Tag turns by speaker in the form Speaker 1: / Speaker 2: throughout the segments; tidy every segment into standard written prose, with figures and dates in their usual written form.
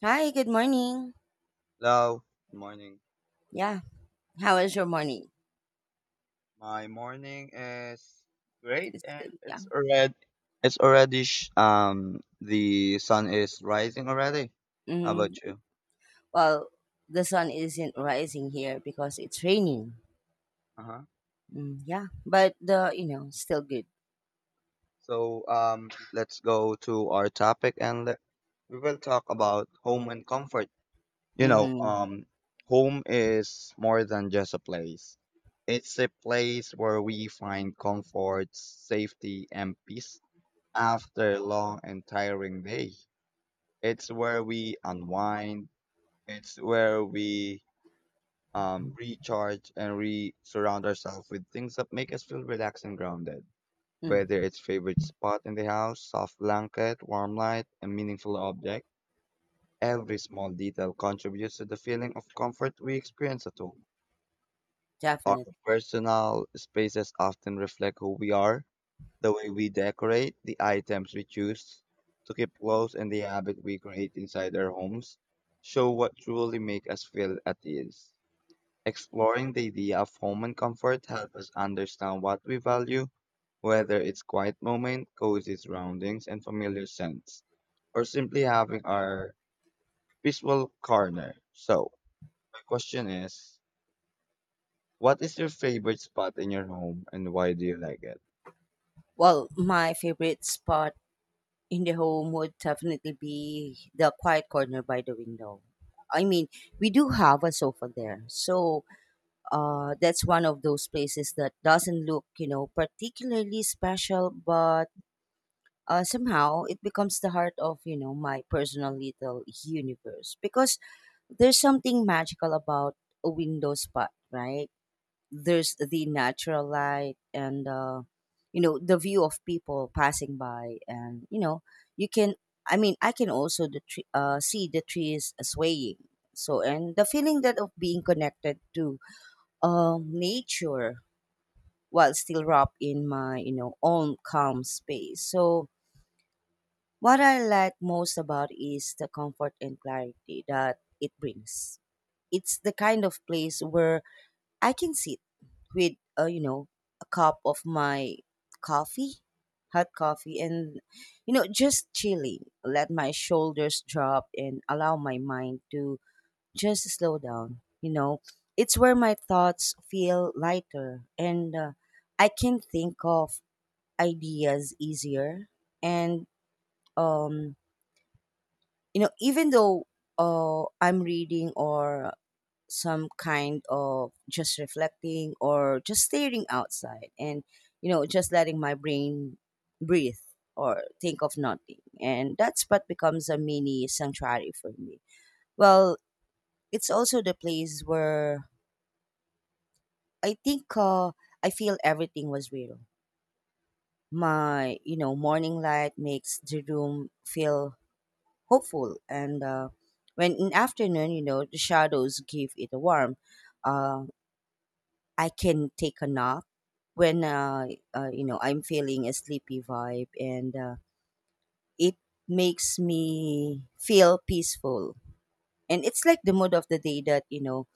Speaker 1: Hi, good morning.
Speaker 2: Hello. Good morning.
Speaker 1: Yeah, how was your morning?
Speaker 2: My morning is great,
Speaker 1: It's,
Speaker 2: and
Speaker 1: yeah.
Speaker 2: it's already the sun is rising already. How
Speaker 1: Hmm.
Speaker 2: about you?
Speaker 1: Well, the sun isn't rising here because it's raining.
Speaker 2: Uh huh.
Speaker 1: Mm, yeah, but the still good.
Speaker 2: So let's go to our topic, we will talk about home and comfort. You know
Speaker 1: Mm-hmm.
Speaker 2: um home is more than just a place. It's a place where we find comfort, safety, and peace after a long and tiring day. It's where we unwind. It's where we recharge and re surround ourselves with things that make us feel relaxed and grounded. Whether
Speaker 1: Mm,
Speaker 2: it's favorite spot in the house, soft blanket, warm light, a meaningful object, every small detail contributes to the feeling of comfort we experience at home. Our
Speaker 1: definite.
Speaker 2: personal spaces often reflect who we are, the way we decorate, the items we choose to keep close, and the habit we create inside our homes show what truly make us feel at ease. Exploring the idea of home and comfort helps us understand what we value, whether it's quiet moment, cozy surroundings, and familiar scents, or simply having our peaceful corner. So, my question is, what is your favorite spot in your home and why do you like it?
Speaker 1: Well, my favorite spot in the home would definitely be the quiet corner by the window. I mean, we do have a sofa there, so that's one of those places that doesn't look, particularly special, but somehow it becomes the heart of my personal little universe, because there's something magical about a window spot, right? There's the natural light, and the view of people passing by, and you can. I mean, I can also see the trees swaying, so, and the feeling that of being connected to nature, while still wrapped in my own calm space. So what I like most about is the comfort and clarity that it brings. It's the kind of place where I can sit with, a cup of my coffee, hot coffee, and, just chilling, let my shoulders drop, and allow my mind to just slow down. It's where my thoughts feel lighter, and I can think of ideas easier, and, um, even though I'm reading or some kind of just reflecting or just staring outside, and just letting my brain breathe or think of nothing. And that spot becomes a mini sanctuary for me. Well, it's also the place where I think, I feel everything was real. My morning light makes the room feel hopeful, and when in afternoon, the shadows give it a warm. uh, I can take a nap when, I'm feeling a sleepy vibe, and it makes me feel peaceful. And it's like the mood of the day that, you know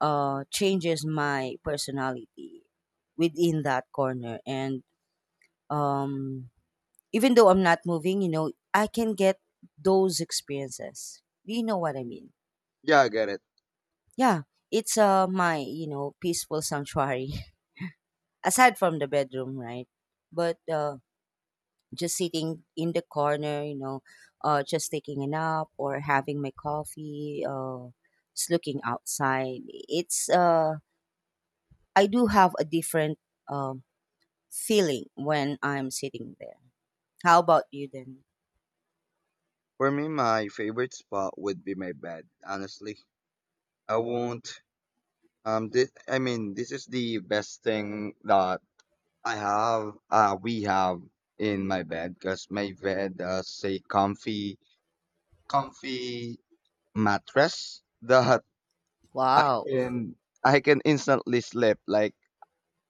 Speaker 1: uh, changes my personality within that corner, and um, even though I'm not moving, I can get those experiences. Do you know what I mean?
Speaker 2: Yeah, I get it.
Speaker 1: Yeah, it's my peaceful sanctuary, aside from the bedroom, right? But just sitting in the corner, just taking a nap or having my coffee, just looking outside. It's I do have a different um feeling when I'm sitting there. How about you then?
Speaker 2: For me, my favorite spot would be my bed. Honestly, I won't. This, this is the best thing that I have. We have in my bed because my bed has a comfy mattress that I
Speaker 1: Wow.
Speaker 2: can I can instantly sleep. Like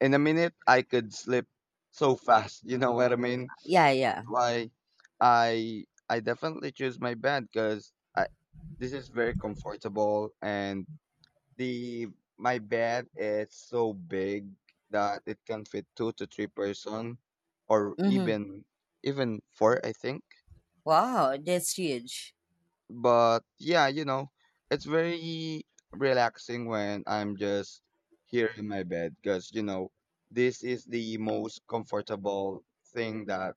Speaker 2: in a minute, I could sleep so fast. You know what I mean?
Speaker 1: Yeah, yeah.
Speaker 2: Why I definitely choose my bed because I this is very comfortable and the my bed is so big that it can fit two to three person or
Speaker 1: Mm-hmm.
Speaker 2: even four I think.
Speaker 1: Wow, that's huge.
Speaker 2: But yeah, you know, it's very relaxing when I'm just here in my bed because you know this is the most comfortable thing that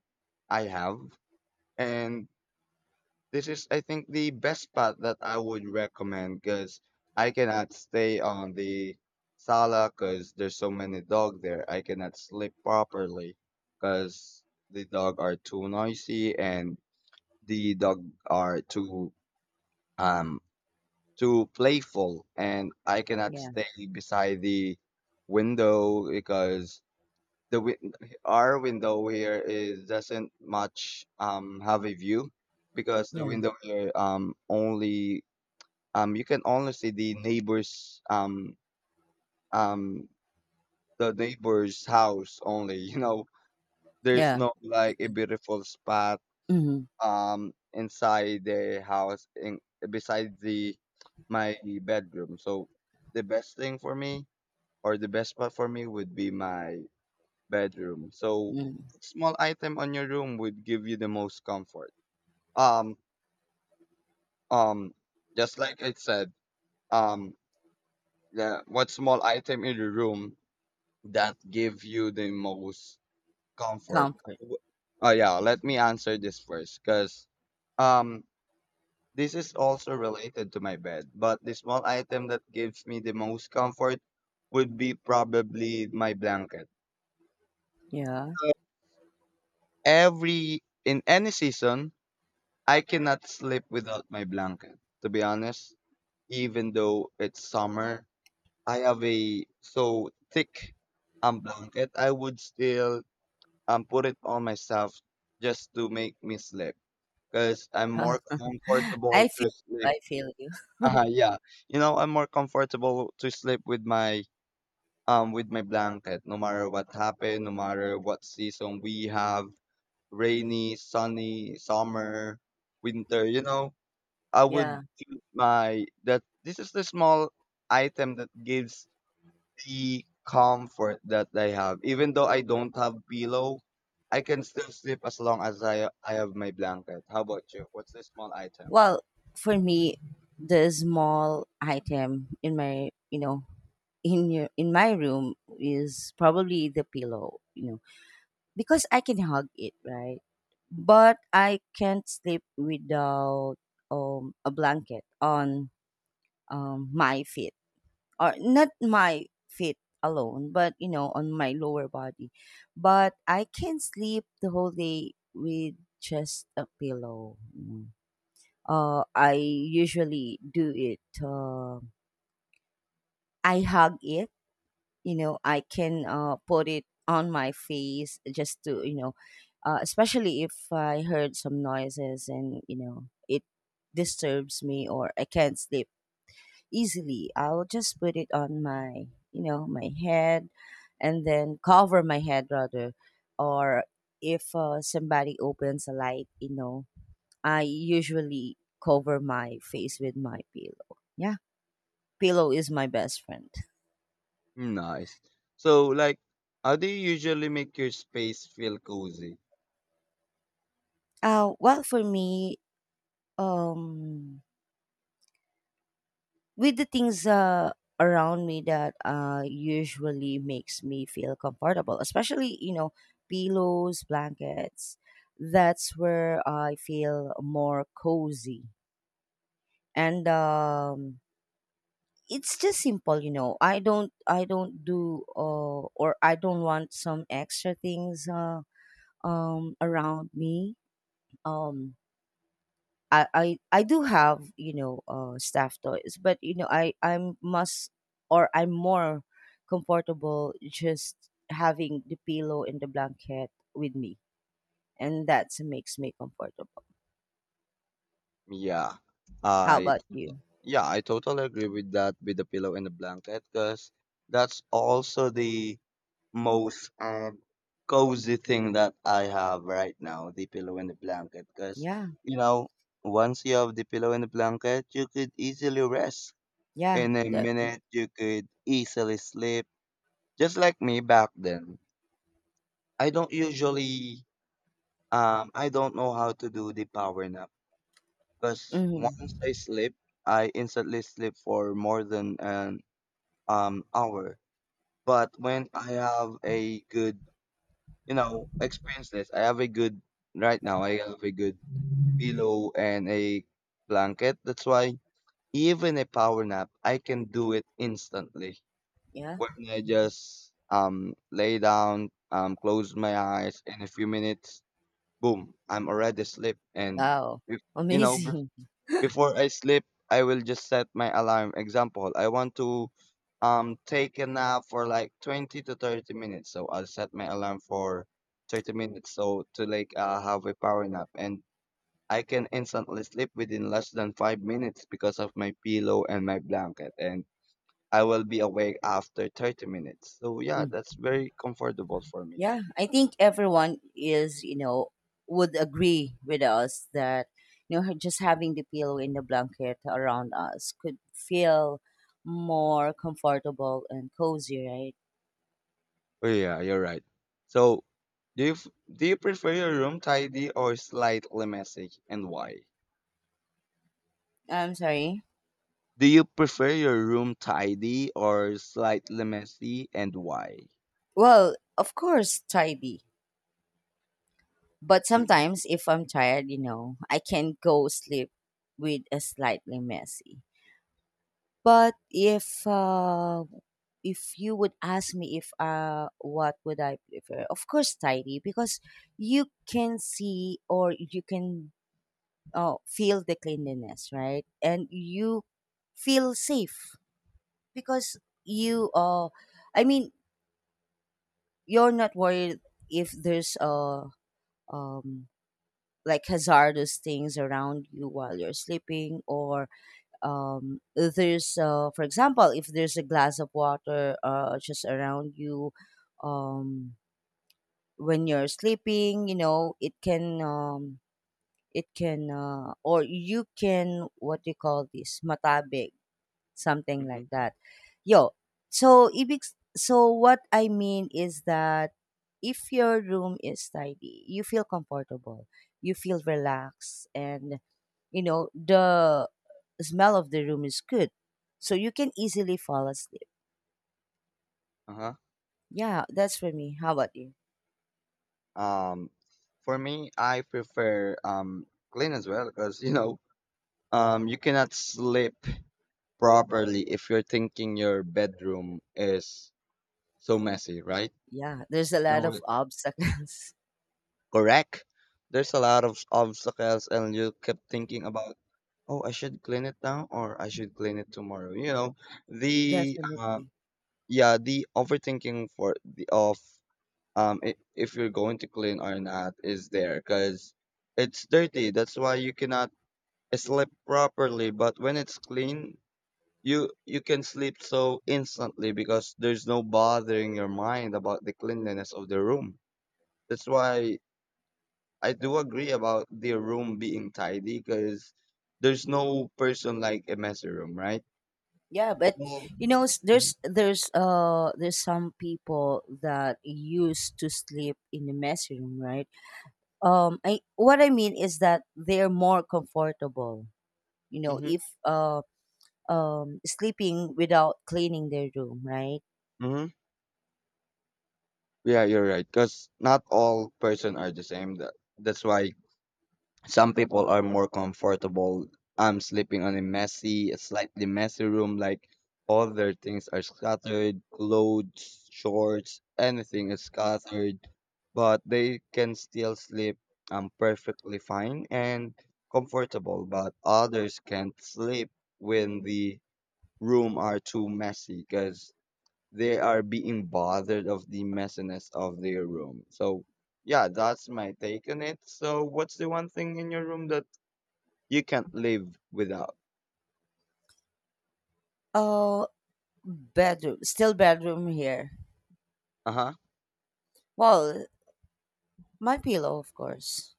Speaker 2: I have. And this is, I think, the best spot that I would recommend because I cannot stay on the sala because there's so many dog there. I cannot sleep properly because the dog are too noisy and the dog are too um too playful, and I cannot
Speaker 1: Yeah,
Speaker 2: stay beside the window because the win- our window here is doesn't much have a view because the
Speaker 1: yeah,
Speaker 2: window here only you can only see the neighbors um the neighbor's house only. You know, there's
Speaker 1: yeah.
Speaker 2: no like a beautiful spot
Speaker 1: Mm-hmm.
Speaker 2: inside the house in beside the my bedroom. So the best thing for me or the best spot for me would be my bedroom. So
Speaker 1: Mm.
Speaker 2: small item on your room would give you the most comfort. Um, um, just like I said, um, what small item in your room that give you the most comfort?
Speaker 1: Comfort.
Speaker 2: W- Oh yeah, let me answer this first, cause um, this is also related to my bed. But the small item that gives me the most comfort would be probably my blanket.
Speaker 1: Yeah.
Speaker 2: So, every in any season I cannot sleep without my blanket. To be honest, even though it's summer, I have a so thick blanket. I would still put it on myself just to make me sleep because I'm more comfortable
Speaker 1: I
Speaker 2: to
Speaker 1: feel you,
Speaker 2: sleep.
Speaker 1: I feel you.
Speaker 2: Yeah, you know I'm more comfortable to sleep with my with my blanket. No matter what happened, no matter what season we have, rainy, sunny, summer, winter. You know I would
Speaker 1: Yeah.
Speaker 2: use my that this is the small item that gives the comfort that I have. Even though I don't have pillow, I can still sleep as long as I have my blanket. How about you? What's the small item?
Speaker 1: Well, for me, the small item in my, in my room is probably the pillow, because I can hug it, right? But I can't sleep without a blanket on my feet. Or not my feet alone, but on my lower body. But I can sleep the whole day with just a pillow. Mm. I usually do it. I hug it. I can put it on my face, just to, especially if I heard some noises and it disturbs me or I can't sleep easily. I'll just put it on my head, and then cover my head, rather. Or if somebody opens a light, I usually cover my face with my pillow. Yeah, pillow is my best friend.
Speaker 2: Nice. So like how do you usually make your space feel cozy?
Speaker 1: Well, for me, um, with the things around me that usually makes me feel comfortable, especially pillows, blankets. That's where I feel more cozy, and it's just simple. I don't or I don't want some extra things around me. Um, I do have staff toys, but I I'm must or I'm more comfortable, just having the pillow and the blanket with me, and that makes me comfortable.
Speaker 2: Yeah.
Speaker 1: How
Speaker 2: I
Speaker 1: about you?
Speaker 2: yeah, I totally agree with that with the pillow and the blanket because that's also the most cozy thing that I have right now, the pillow and the blanket. Because,
Speaker 1: Yeah,
Speaker 2: you know, once you have the pillow and the blanket, you could easily rest.
Speaker 1: yeah,
Speaker 2: In a
Speaker 1: definitely.
Speaker 2: minute, you could easily sleep. Just like me back then. I don't usually, I don't know how to do the power nap. Because once I
Speaker 1: Hmm.
Speaker 2: sleep, I instantly sleep for more than an hour. But when I have a good you know, experience this. I have a good right now. I have a good pillow and a blanket. That's why even a power nap, I can do it instantly.
Speaker 1: Yeah.
Speaker 2: When I just lay down, close my eyes, in a few minutes, boom, I'm already asleep. And
Speaker 1: Wow,
Speaker 2: if, you know,
Speaker 1: amazing.
Speaker 2: before I sleep, I will just set my alarm. Example, I want to take a nap for like 20 to 30 minutes. So I'll set my alarm for 30 minutes so to like have a power nap and I can instantly sleep within less than 5 minutes because of my pillow and my blanket and I will be awake after 30 minutes. So yeah, that's very comfortable for me.
Speaker 1: Yeah, I think everyone is, would agree with us that, just having the pillow and the blanket around us could feel more comfortable and cozy, right?
Speaker 2: Oh yeah, you're right. So do you f- do you prefer your room tidy or slightly messy and why?
Speaker 1: I'm sorry.
Speaker 2: Do you prefer your room tidy or slightly messy and why?
Speaker 1: Well, of course, tidy. But
Speaker 2: Mhm.
Speaker 1: sometimes if I'm tired, I can go sleep with a slightly messy. But if you would ask me if what would I prefer? Of course tidy, because you can see or you can feel the cleanliness, right? And you feel safe, because you I mean, you're not worried if there's um like hazardous things around you while you're sleeping, or there's for example, if there's a glass of water just around you, um when you're sleeping, it can, it can or you can, what do you call this, matabig, something like
Speaker 2: Mhm.
Speaker 1: that. Yo, so ibig. So what I mean is that if your room is tidy, you feel comfortable, you feel relaxed, and the smell of the room is good. So you can easily fall asleep.
Speaker 2: Uh-huh.
Speaker 1: Yeah, that's for me. How about you?
Speaker 2: Um, for me, I prefer clean as well because you know you cannot sleep properly if you're thinking your bedroom is so messy, right?
Speaker 1: Yeah, there's a
Speaker 2: You
Speaker 1: lot
Speaker 2: will
Speaker 1: of obstacles.
Speaker 2: Correct. There's a lot of obstacles, and you kept thinking about, oh, I should clean it now or I should clean it tomorrow. You know, the uh,
Speaker 1: Definitely.
Speaker 2: yeah the overthinking for the of if you're going to clean or not is there because it's dirty, that's why you cannot sleep properly. But when it's clean you can sleep so instantly because there's no bothering your mind about the cleanliness of the room. That's why I do agree about the room being tidy because there's no person like a messy room, right?
Speaker 1: Yeah, but
Speaker 2: All,
Speaker 1: there's some people that used to sleep in the messy room, right? I what I mean is that they're more comfortable.
Speaker 2: mm-hmm.
Speaker 1: If sleeping without cleaning their room, right?
Speaker 2: Yeah, you're right. Because not all person are the same. That's why some people are more comfortable. I'm sleeping on a a slightly messy room. Like all their things are scattered, clothes, shorts, anything is scattered, but they can still sleep perfectly fine and comfortable. But others can't sleep when the room are too messy because they are being bothered of the messiness of their room. So yeah, that's my take on it. So what's the one thing in your room that you can't live without?
Speaker 1: Uh, bedroom, still bedroom here.
Speaker 2: Uh huh.
Speaker 1: Well, my pillow, of course.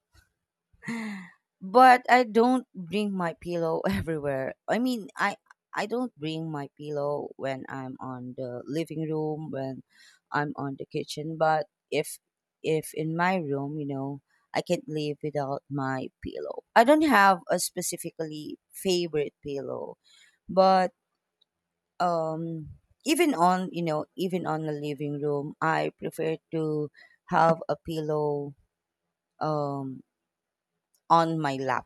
Speaker 1: But I don't bring my pillow everywhere. I mean, I don't bring my pillow when I'm on the living room, when I'm on the kitchen, but if in my room, I can't live without my pillow. I don't have a specifically favorite pillow, but um even on the living room, I prefer to have a pillow um on my lap.